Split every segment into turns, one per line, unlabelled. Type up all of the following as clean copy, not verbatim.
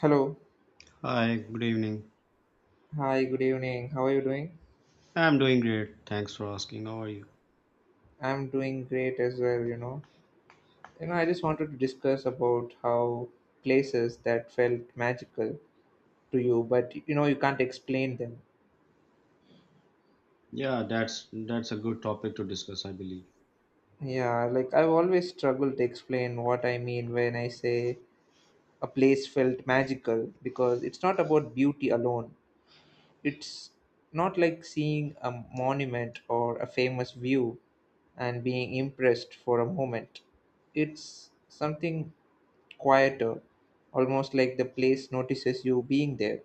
Hello.
Hi, good evening.
Hi, good evening. How are you doing?
I'm doing great. Thanks for asking. How are you?
I'm doing great as well, I just wanted to discuss about how places that felt magical to you, but you can't explain them.
Yeah, that's a good topic to discuss, I believe.
Yeah, like I've always struggled to explain what I mean when I say a place felt magical because it's not about beauty alone. It's not like seeing a monument or a famous view and being impressed for a moment. It's something quieter, almost like the place notices you being there.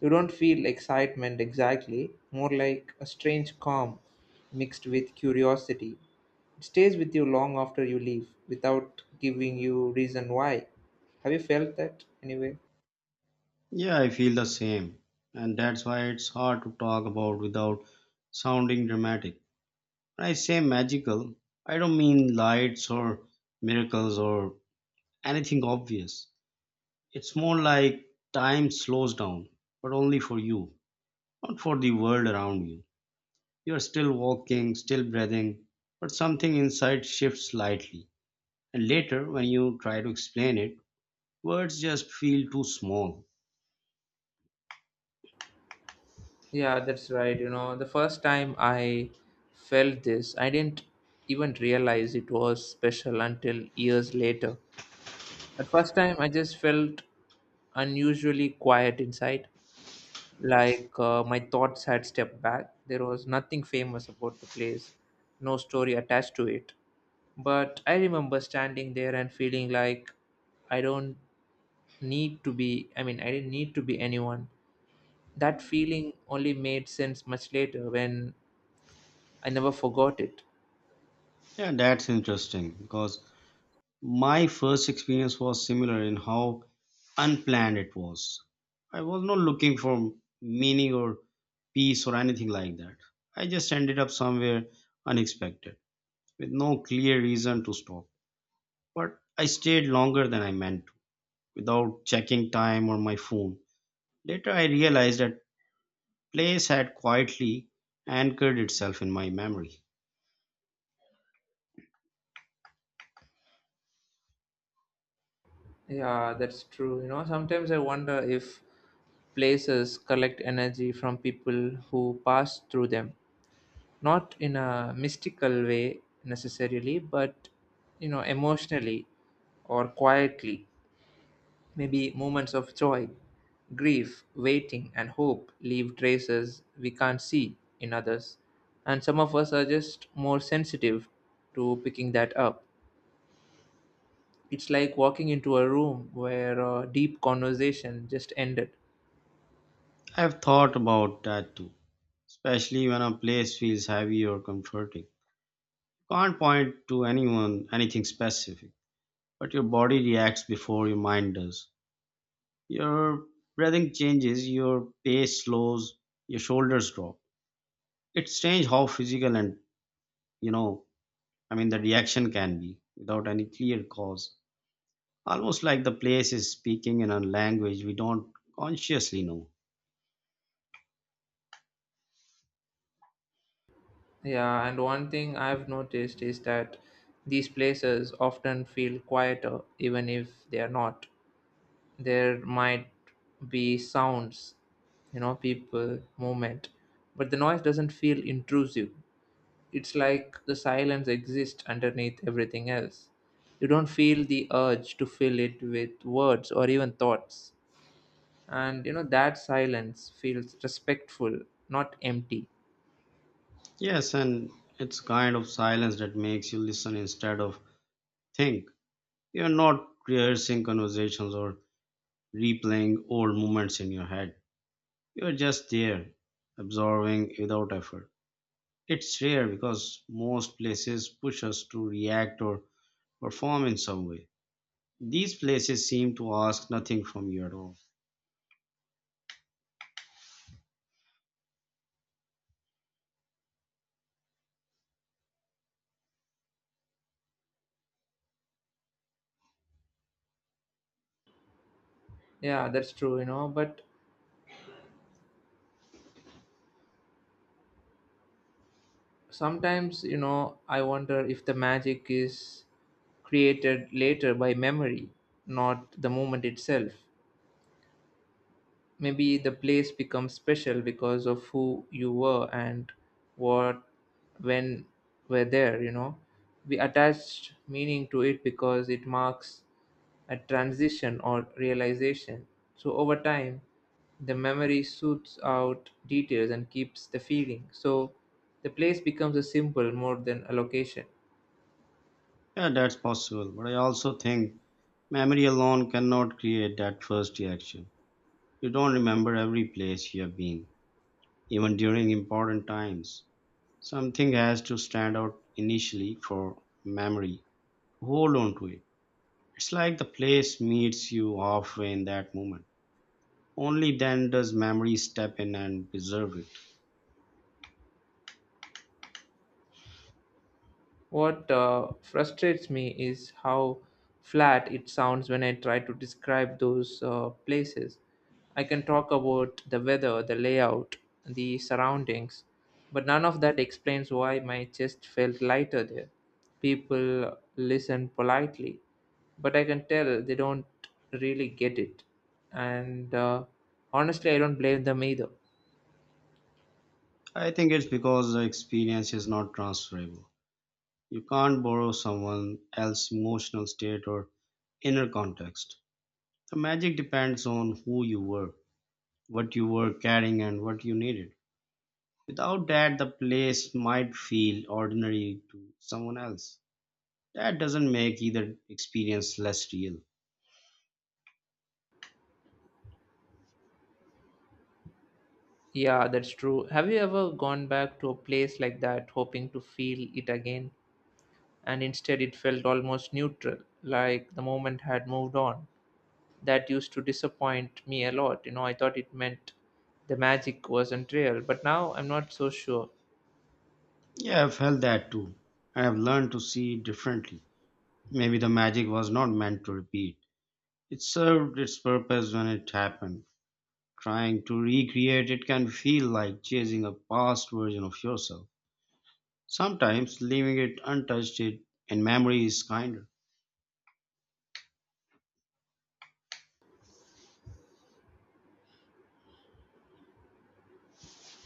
You don't feel excitement exactly, more like a strange calm mixed with curiosity. It stays with you long after you leave without giving you reason why. Have you felt that anyway?
Yeah, I feel the same. And that's why it's hard to talk about without sounding dramatic. When I say magical, I don't mean lights or miracles or anything obvious. It's more like time slows down, but only for you, not for the world around you. You're still walking, still breathing, but something inside shifts slightly. And later, when you try to explain it, words just feel too small.
Yeah, that's right. The first time I felt this, I didn't even realize it was special until years later. At first time, I just felt unusually quiet inside, like my thoughts had stepped back. There was nothing famous about the place, no story attached to it. But I remember standing there and feeling like I don't I mean, I didn't need to be anyone. That feeling only made sense much later when I never forgot it.
Yeah, that's interesting because my first experience was similar in how unplanned it was. I was not looking for meaning or peace or anything like that. I just ended up somewhere unexpected with no clear reason to stop. But I stayed longer than I meant to without checking time or my phone. Later, I realized that place had quietly anchored itself in my memory.
Yeah, that's true. Sometimes I wonder if places collect energy from people who pass through them, not in a mystical way necessarily, but emotionally or quietly. Maybe moments of joy, grief, waiting, and hope leave traces we can't see in others. And some of us are just more sensitive to picking that up. It's like walking into a room where a deep conversation just ended.
I've thought about that too, especially when a place feels heavy or comforting. You can't point to anyone anything specific, but your body reacts before your mind does. Your breathing changes, your pace slows, your shoulders drop. It's strange how physical and, you know, I mean the reaction can be without any clear cause. Almost like the place is speaking in a language we don't consciously know.
Yeah, and one thing I've noticed is that these places often feel quieter, even if they are not. There might be sounds, people, movement, but the noise doesn't feel intrusive. It's like the silence exists underneath everything else. You don't feel the urge to fill it with words or even thoughts. And that silence feels respectful, not empty.
Yes, and it's kind of silence that makes you listen instead of think. You're not rehearsing conversations or replaying old moments in your head. You're just there, absorbing without effort. It's rare because most places push us to react or perform in some way. These places seem to ask nothing from you at all.
Yeah, that's true. But sometimes, I wonder if the magic is created later by memory, not the moment itself. Maybe the place becomes special because of who you were and what when were there. We attached meaning to it because it marks a transition or realization. So over time, the memory suits out details and keeps the feeling, so the place becomes a symbol more than a location.
Yeah, that's possible, but I also think memory alone cannot create that first reaction. You don't remember every place you have been, even during important times. Something has to stand out initially for memory to hold on to it. It's like the place meets you halfway in that moment. Only then does memory step in and preserve it.
What frustrates me is how flat it sounds when I try to describe those places. I can talk about the weather, the layout, the surroundings, but none of that explains why my chest felt lighter there. People listen politely, but I can tell they don't really get it. And honestly, I don't blame them either.
I think it's because the experience is not transferable. You can't borrow someone else's emotional state or inner context. The magic depends on who you were, what you were carrying, and what you needed. Without that, the place might feel ordinary to someone else. That doesn't make either experience less real.
Yeah, that's true. Have you ever gone back to a place like that hoping to feel it again, and instead it felt almost neutral, like the moment had moved on? That used to disappoint me a lot. I thought it meant the magic wasn't real, but now I'm not so sure.
Yeah, I've felt that too. I have learned to see it differently. Maybe the magic was not meant to repeat. It served its purpose when it happened. Trying to recreate it can feel like chasing a past version of yourself. Sometimes leaving it untouched it in memory is kinder.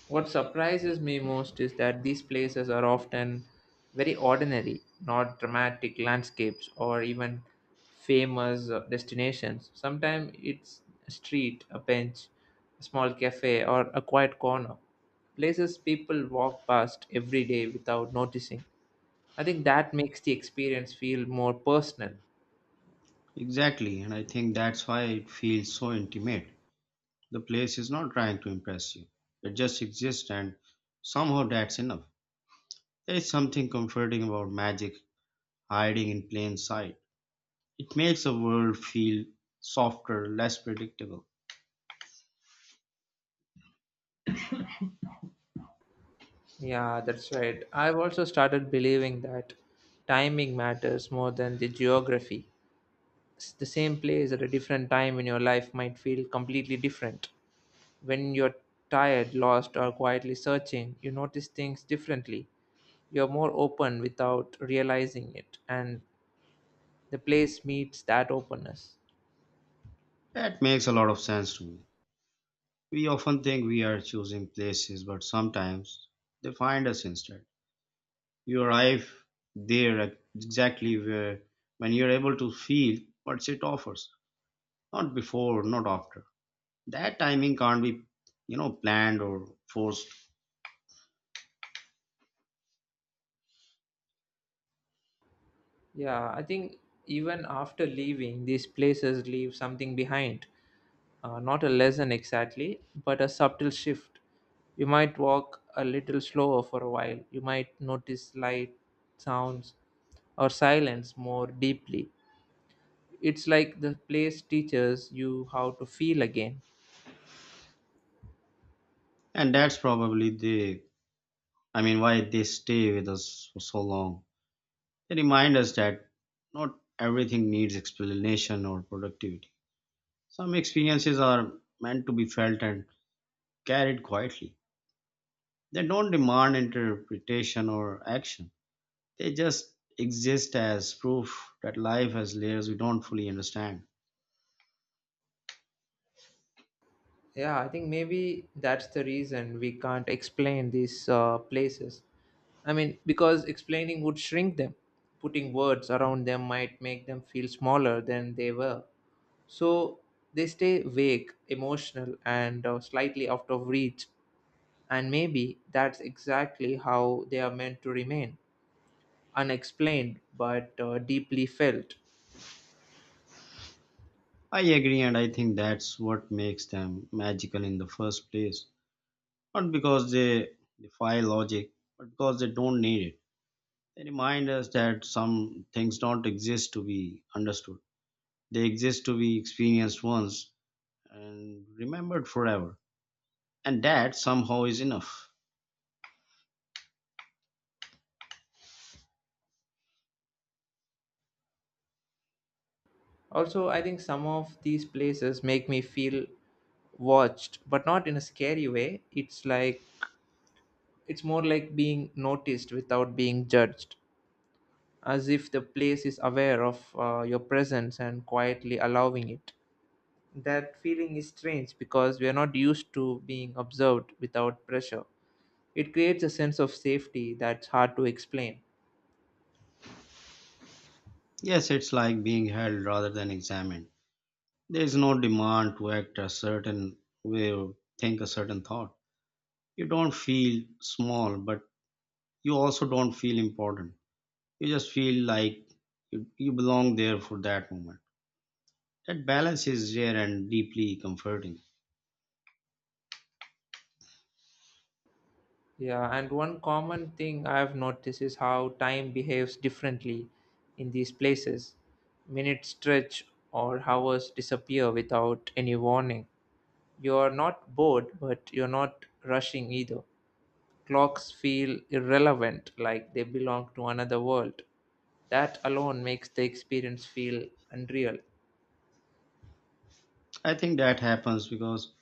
What surprises me most is that these places are often very ordinary, not dramatic landscapes or even famous destinations. Sometimes it's a street, a bench, a small cafe, or a quiet corner. Places people walk past every day without noticing. I think that makes the experience feel more personal.
Exactly, and I think that's why it feels so intimate. The place is not trying to impress you. It just exists, and somehow that's enough. There is something comforting about magic hiding in plain sight. It makes the world feel softer, less predictable.
Yeah, that's right. I've also started believing that timing matters more than the geography. The same place at a different time in your life might feel completely different. When you're tired, lost, or quietly searching, you notice things differently. You're more open without realizing it, and the place meets that openness.
That makes a lot of sense to me. We often think we are choosing places, but sometimes they find us instead. You arrive there at exactly where when you're able to feel what it offers, not before, not after. That timing can't be, planned or forced,
Yeah, I think even after leaving, these places leave something behind. Not a lesson exactly, but a subtle shift. You might walk a little slower for a while. You might notice light, sounds, or silence more deeply. It's like the place teaches you how to feel again.
and that's probably the, I mean, why they stay with us for so long. They remind us that not everything needs explanation or productivity. Some experiences are meant to be felt and carried quietly. They don't demand interpretation or action, they just exist as proof that life has layers we don't fully understand.
Yeah, I think maybe that's the reason we can't explain these places. I mean, because explaining would shrink them. Putting words around them might make them feel smaller than they were. So they stay vague, emotional, and slightly out of reach. And maybe that's exactly how they are meant to remain, unexplained but deeply felt.
I agree, and I think that's what makes them magical in the first place. Not because they defy logic, but because they don't need it. They remind us that some things don't exist to be understood. They exist to be experienced once and remembered forever. And that somehow is enough.
Also, I think some of these places make me feel watched, but not in a scary way. It's more like being noticed without being judged, as if the place is aware of your presence and quietly allowing it. That feeling is strange because we are not used to being observed without pressure. It creates a sense of safety that's hard to explain.
Yes, it's like being held rather than examined. There is no demand to act a certain way or think a certain thought. You don't feel small, but you also don't feel important. You just feel like you belong there for that moment. That balance is rare and deeply comforting.
Yeah, and one common thing I've noticed is how time behaves differently in these places. Minutes stretch or hours disappear without any warning. You're not bored, but you're not rushing either. Clocks feel irrelevant, like they belong to another world. That alone makes the experience feel unreal.
I think that happens because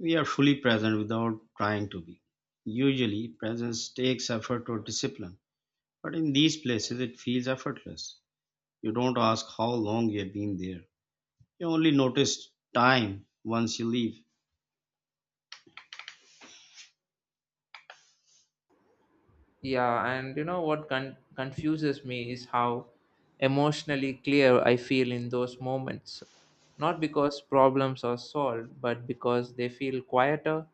we are fully present without trying to be. Usually, presence takes effort or discipline, but in these places it feels effortless. You don't ask how long you've been there, you only notice time once you leave.
Yeah, and what confuses me is how emotionally clear I feel in those moments. Not because problems are solved, but because they feel quieter.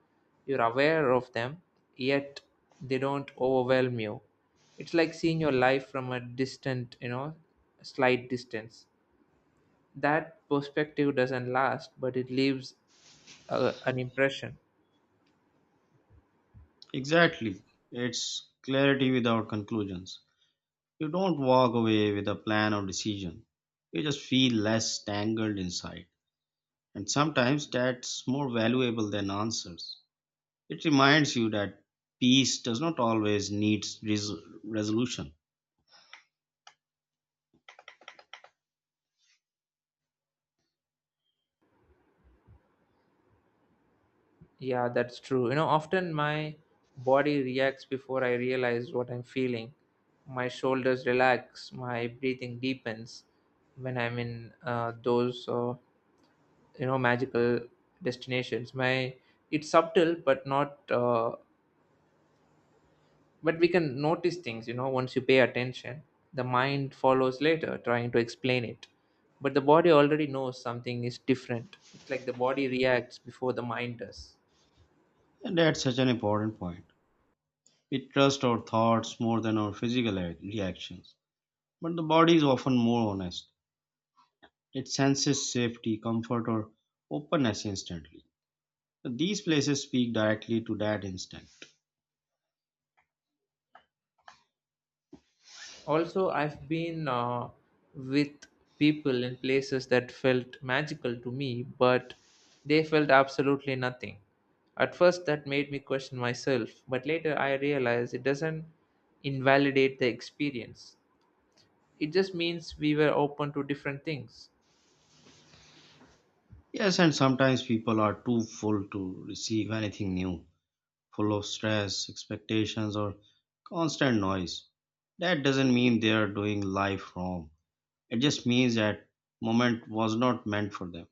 You're aware of them, yet they don't overwhelm you. It's like seeing your life from a distant, slight distance. That perspective doesn't last, but it leaves an impression.
Exactly, it's clarity without conclusions. You don't walk away with a plan or decision, you just feel less tangled inside. And sometimes that's more valuable than answers. It reminds you that peace does not always need resolution.
Yeah, that's true. Often my body reacts before I realize what I'm feeling. My shoulders relax, my breathing deepens when I'm in those, magical destinations. My It's subtle, but not. But we can notice things. Once you pay attention, the mind follows later, trying to explain it. But the body already knows something is different. It's like the body reacts before the mind does.
And that's such an important point. We trust our thoughts more than our physical reactions. But the body is often more honest. It senses safety, comfort, or openness instantly. These places speak directly to that instinct.
Also, I've been with people in places that felt magical to me, but they felt absolutely nothing. At first, that made me question myself, but later I realized it doesn't invalidate the experience. It just means we were open to different things.
Yes, and sometimes people are too full to receive anything new, full of stress, expectations, or constant noise. That doesn't mean they are doing life wrong. It just means that moment was not meant for them.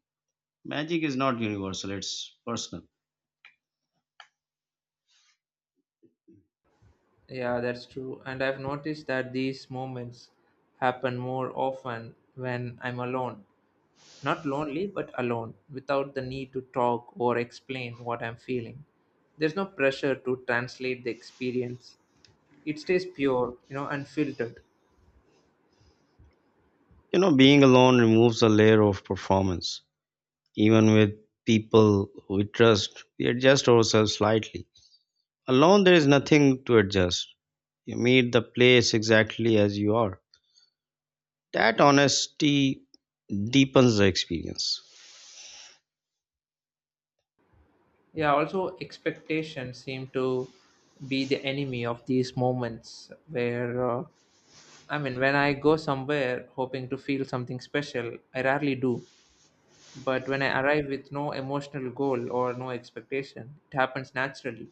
Magic is not universal, it's personal.
Yeah, that's true. And I've noticed that these moments happen more often when I'm alone. Not lonely, but alone, without the need to talk or explain what I'm feeling. There's no pressure to translate the experience. It stays pure, unfiltered.
Being alone removes a layer of performance. Even with people we trust, we adjust ourselves slightly. Alone, there is nothing to adjust. You meet the place exactly as you are. That honesty deepens the experience.
Yeah, also expectations seem to be the enemy of these moments where I mean, when I go somewhere hoping to feel something special, I rarely do. But when I arrive with no emotional goal or no expectation, it happens naturally.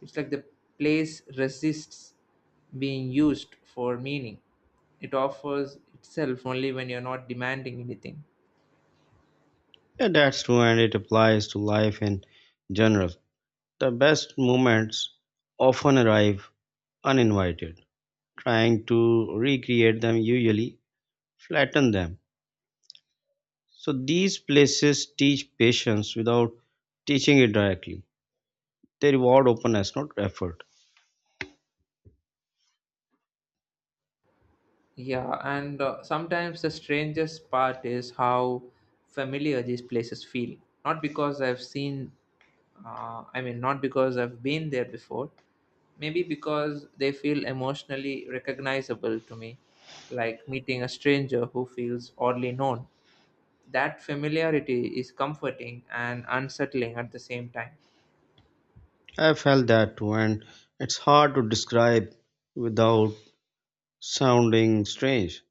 It's like the place resists being used for meaning. It offers itself only when you're not demanding anything.
Yeah, that's true, and it applies to life in general. The best moments often arrive uninvited, trying to recreate them usually flatten them. So these places teach patience without teaching it directly. They reward openness, not effort.
Yeah, and sometimes the strangest part is how familiar these places feel. Not because I've seen, I mean, not because I've been there before, maybe because they feel emotionally recognizable to me, like meeting a stranger who feels oddly known. That familiarity is comforting and unsettling at the same time.
I felt that too, and it's hard to describe without sounding strange.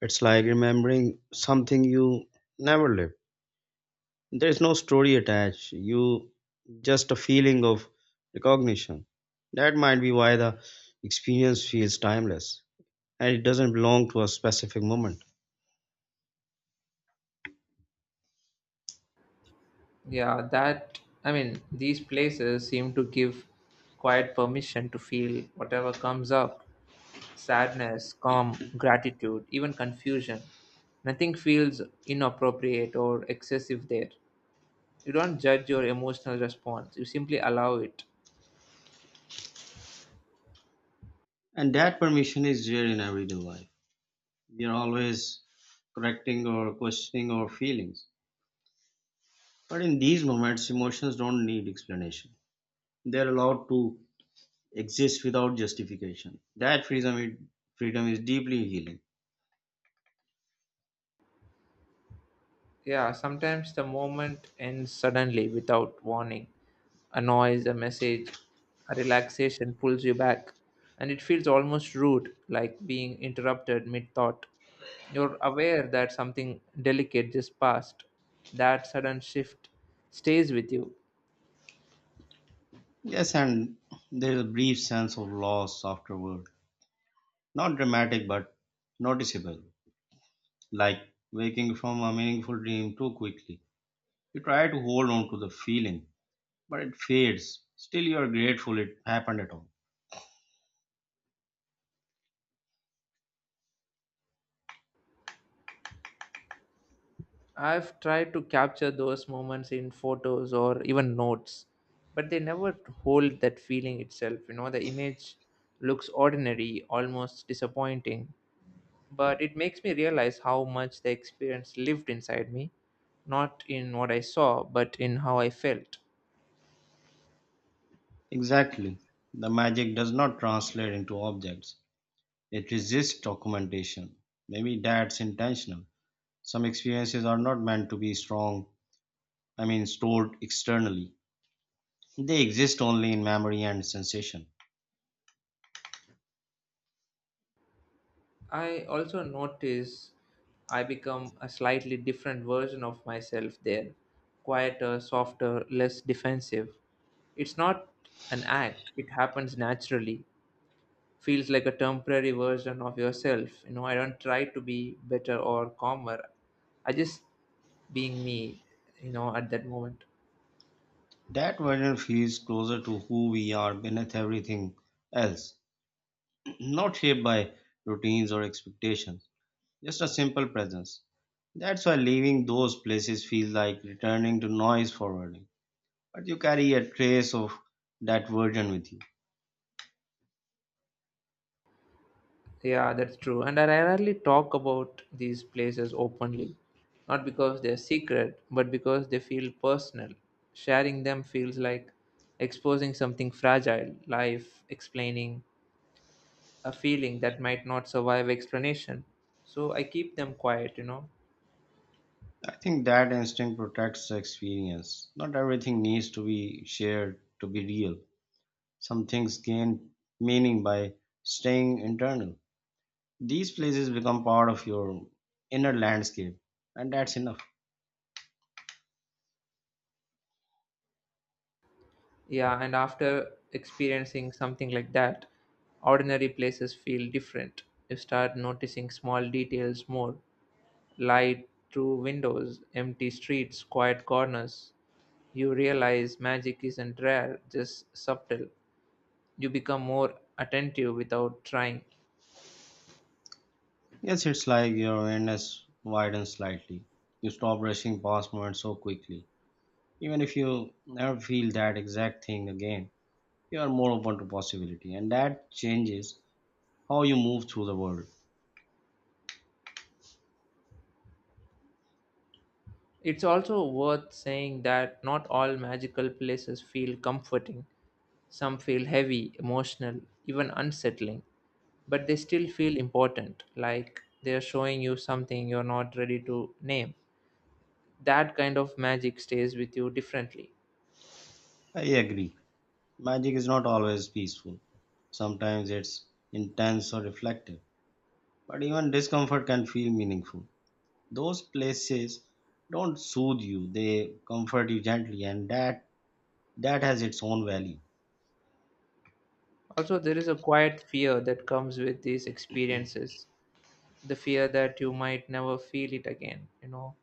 It's like remembering something you never lived. There's no story attached, you just a feeling of recognition. That might be why the experience feels timeless, and it doesn't belong to a specific moment.
Yeah, that I mean, these places seem to give quiet permission to feel whatever comes up: sadness, calm, gratitude, even confusion. Nothing feels inappropriate or excessive there. You don't judge your emotional response, you simply allow it.
And that permission is there in everyday life. We are always correcting or questioning our feelings. But in these moments, emotions don't need explanation. They're allowed to exist without justification. That freedom is deeply healing.
Yeah, sometimes the moment ends suddenly without warning. A noise, a message, a relaxation pulls you back, and it feels almost rude, like being interrupted mid thought. You're aware that something delicate just passed. That sudden shift stays with you.
Yes, and there is a brief sense of loss afterward. Not dramatic, but noticeable. Like waking from a meaningful dream too quickly. You try to hold on to the feeling, but it fades. Still, you are grateful it happened at all.
I've tried to capture those moments in photos or even notes, but they never hold that feeling itself. The image looks ordinary, almost disappointing, but it makes me realize how much the experience lived inside me, not in what I saw, but in how I felt.
Exactly. The magic does not translate into objects, it resists documentation. Maybe that's intentional. Some experiences are not meant to be stored externally. They exist only in memory and sensation.
I also notice I become a slightly different version of myself there, quieter, softer, less defensive. It's not an act, it happens naturally. Feels like a temporary version of yourself. I don't try to be better or calmer. I just being me, at that moment.
That version feels closer to who we are beneath everything else, not shaped by routines or expectations. Just a simple presence. That's why leaving those places feels like returning to noise forwarding. But you carry a trace of that version with you.
Yeah, that's true. And I rarely talk about these places openly, not because they're secret, but because they feel personal. Sharing them feels like exposing something fragile, life, explaining a feeling that might not survive explanation. So I keep them quiet,
I think that instinct protects the experience. Not everything needs to be shared to be real. Some things gain meaning by staying internal. These places become part of your inner landscape, and that's enough.
Yeah, and after experiencing something like that, ordinary places feel different. You start noticing small details more: light through windows, empty streets, quiet corners. You realize magic isn't rare, just subtle. You become more attentive without trying.
Yes, it's like your awareness widens slightly. You stop rushing past moments so quickly. Even if you never feel that exact thing again, you are more open to possibility, and that changes how you move through the world.
It's also worth saying that not all magical places feel comforting. Some feel heavy, emotional, even unsettling, but they still feel important, like they're showing you something you're not ready to name. That kind of magic stays with you differently.
I agree. Magic is not always peaceful. Sometimes it's intense or reflective, but even discomfort can feel meaningful. Those places don't soothe you, they comfort you gently, and that has its own value.
Also, there is a quiet fear that comes with these experiences, the fear that you might never feel it again,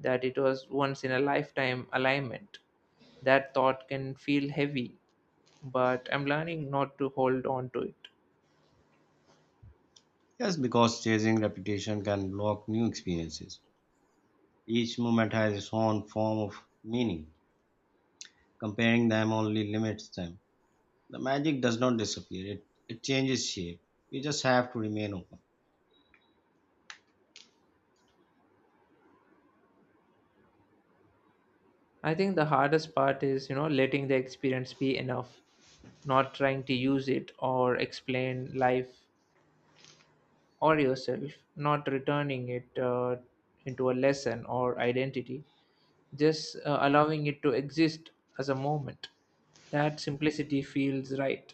that it was once in a lifetime alignment. That thought can feel heavy, but I'm learning not to hold on to it.
Yes, because chasing reputation can block new experiences. Each moment has its own form of meaning. Comparing them only limits them. The magic does not disappear, it changes shape. We just have to remain open.
I think the hardest part is, letting the experience be enough, not trying to use it or explain life or yourself, not returning it into a lesson or identity, just allowing it to exist as a moment. That simplicity feels right.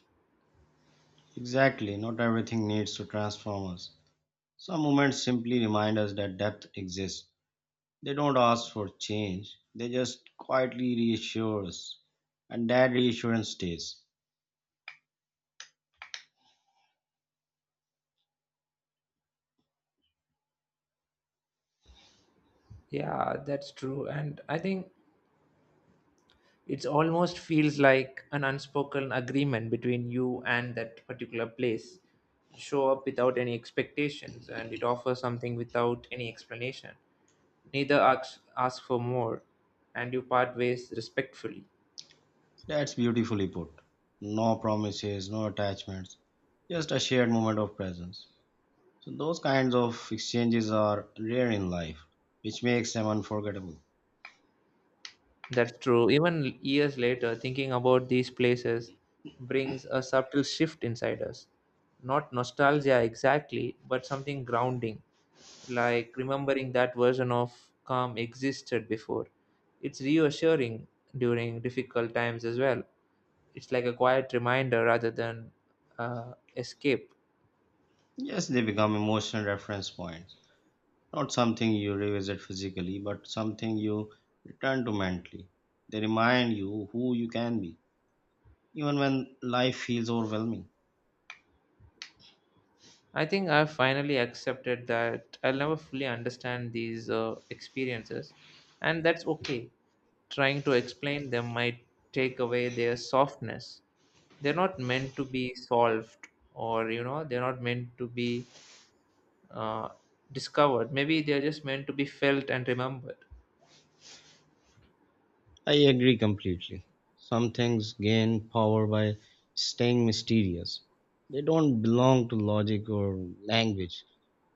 Exactly, not everything needs to transform us. Some moments simply remind us that depth exists. They don't ask for change, they just quietly reassure us. And that reassurance stays.
Yeah, that's true. And I think it's almost feels like an unspoken agreement between you and that particular place. You show up without any expectations and it offers something without any explanation. Neither asks, asks for more, and you part ways respectfully.
That's beautifully put. No promises, no attachments, just a shared moment of presence. So, those kinds of exchanges are rare in life, which makes them unforgettable.
That's true. Even years later, thinking about these places brings a subtle shift inside us. Not nostalgia exactly, but something grounding, like remembering that version of calm existed before. It's reassuring during difficult times as well. It's like a quiet reminder rather than escape.
Yes, they become emotional reference points. Not something you revisit physically, but something you return to mentally. They remind you who you can be, even when life feels overwhelming.
I think I've finally accepted that I'll never fully understand these experiences, and that's okay. Trying to explain them might take away their softness. They're not meant to be solved, or they're not meant to be uh, discovered. Maybe they're just meant to be felt and remembered.
I agree completely. Some things gain power by staying mysterious. They don't belong to logic or language.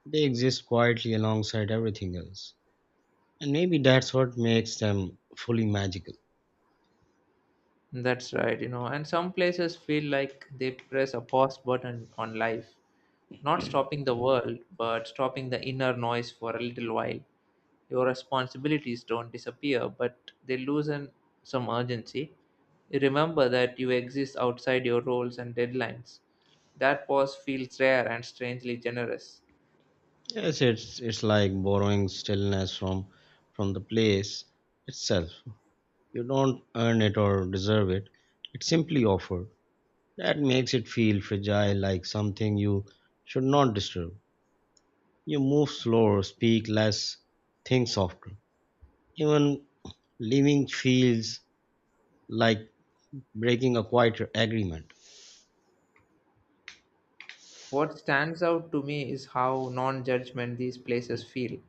They exist quietly alongside everything else. And maybe that's what makes them fully magical.
That's right. And some places feel like they press a pause button on life, not stopping the world, but stopping the inner noise for a little while. Your responsibilities don't disappear, but they loosen some urgency. Remember that you exist outside your roles and deadlines. That pause feels rare and strangely generous.
Yes, it's like borrowing stillness from the place itself. You don't earn it or deserve it. It's simply offered. That makes it feel fragile, like something you should not disturb. You move slower, speak less, think softer. Even leaving feels like breaking a quiet agreement.
What stands out to me is how non judgment these places feel.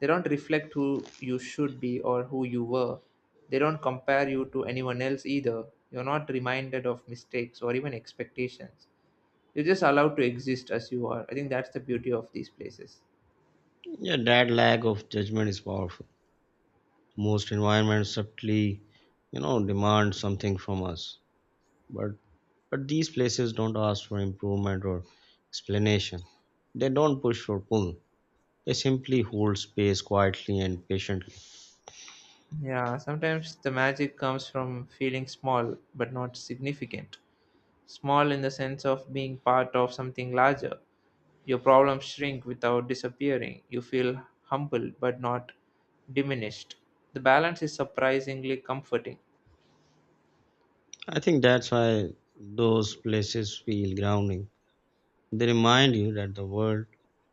They don't reflect who you should be or who you were. They don't compare you to anyone else either. You're not reminded of mistakes or even expectations. You're just allowed to exist as you are. I think that's the beauty of these places.
Yeah, that lack of judgment is powerful. Most environments subtly, you know, demand something from us, but but these places don't ask for improvement or explanation. They don't push or pull, they simply hold space quietly and patiently.
Yeah, sometimes the magic comes from feeling small but not significant. Small in the sense of being part of something larger. Your problems shrink without disappearing. You feel humbled but not diminished. The balance is surprisingly comforting.
I think that's why those places feel grounding. They remind you that the world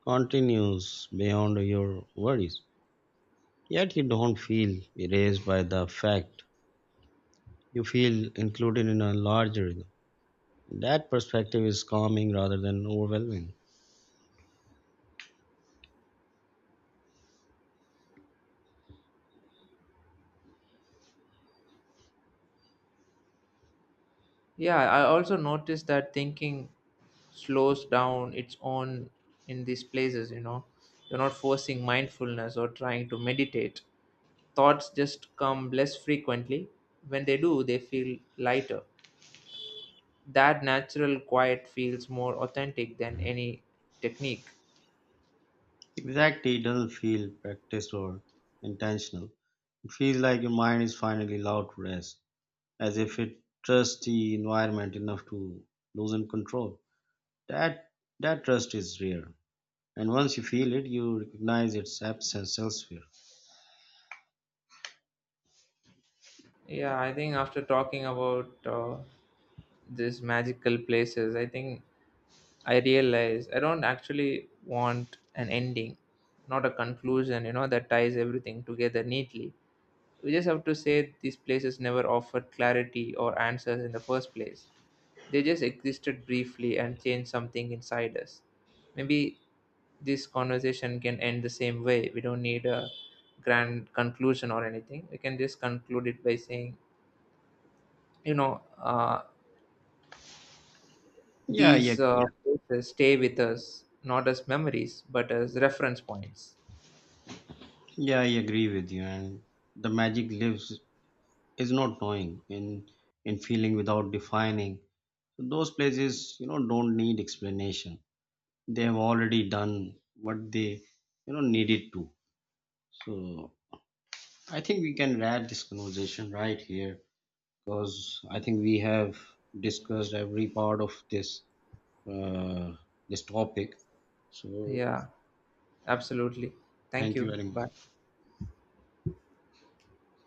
continues beyond your worries, yet you don't feel erased by the fact. You feel included in a larger rhythm. That perspective is calming rather than overwhelming.
Yeah, I also noticed that thinking slows down its own in these places, You're not forcing mindfulness or trying to meditate. Thoughts just come less frequently. When they do, they feel lighter. That natural quiet feels more authentic than any technique.
Exactly, it doesn't feel practiced or intentional. It feels like your mind is finally allowed to rest, as if it trusts the environment enough to loosen control. That that trust is rare, and once you feel it, you recognize its absence elsewhere.
Yeah, I think after talking about these magical places, I think I realized I don't actually want an ending, not a conclusion, that ties everything together neatly. We just have to say these places never offered clarity or answers in the first place. They just existed briefly and changed something inside us. Maybe this conversation can end the same way. We don't need a grand conclusion or anything. We can just conclude it by saying, you know, uh,
Yeah, I
these
agree.
Yeah. Places stay with us not as memories but as reference points.
Yeah, I agree with you. And the magic lives is not knowing in feeling without defining. Those places, you know, don't need explanation. They have already done what they, you know, needed to. So I think we can wrap this conversation right here because I think we have discussed every part of this uh, this topic. So
Yeah, absolutely. Thank
thank you
you.
very
Bye.
much.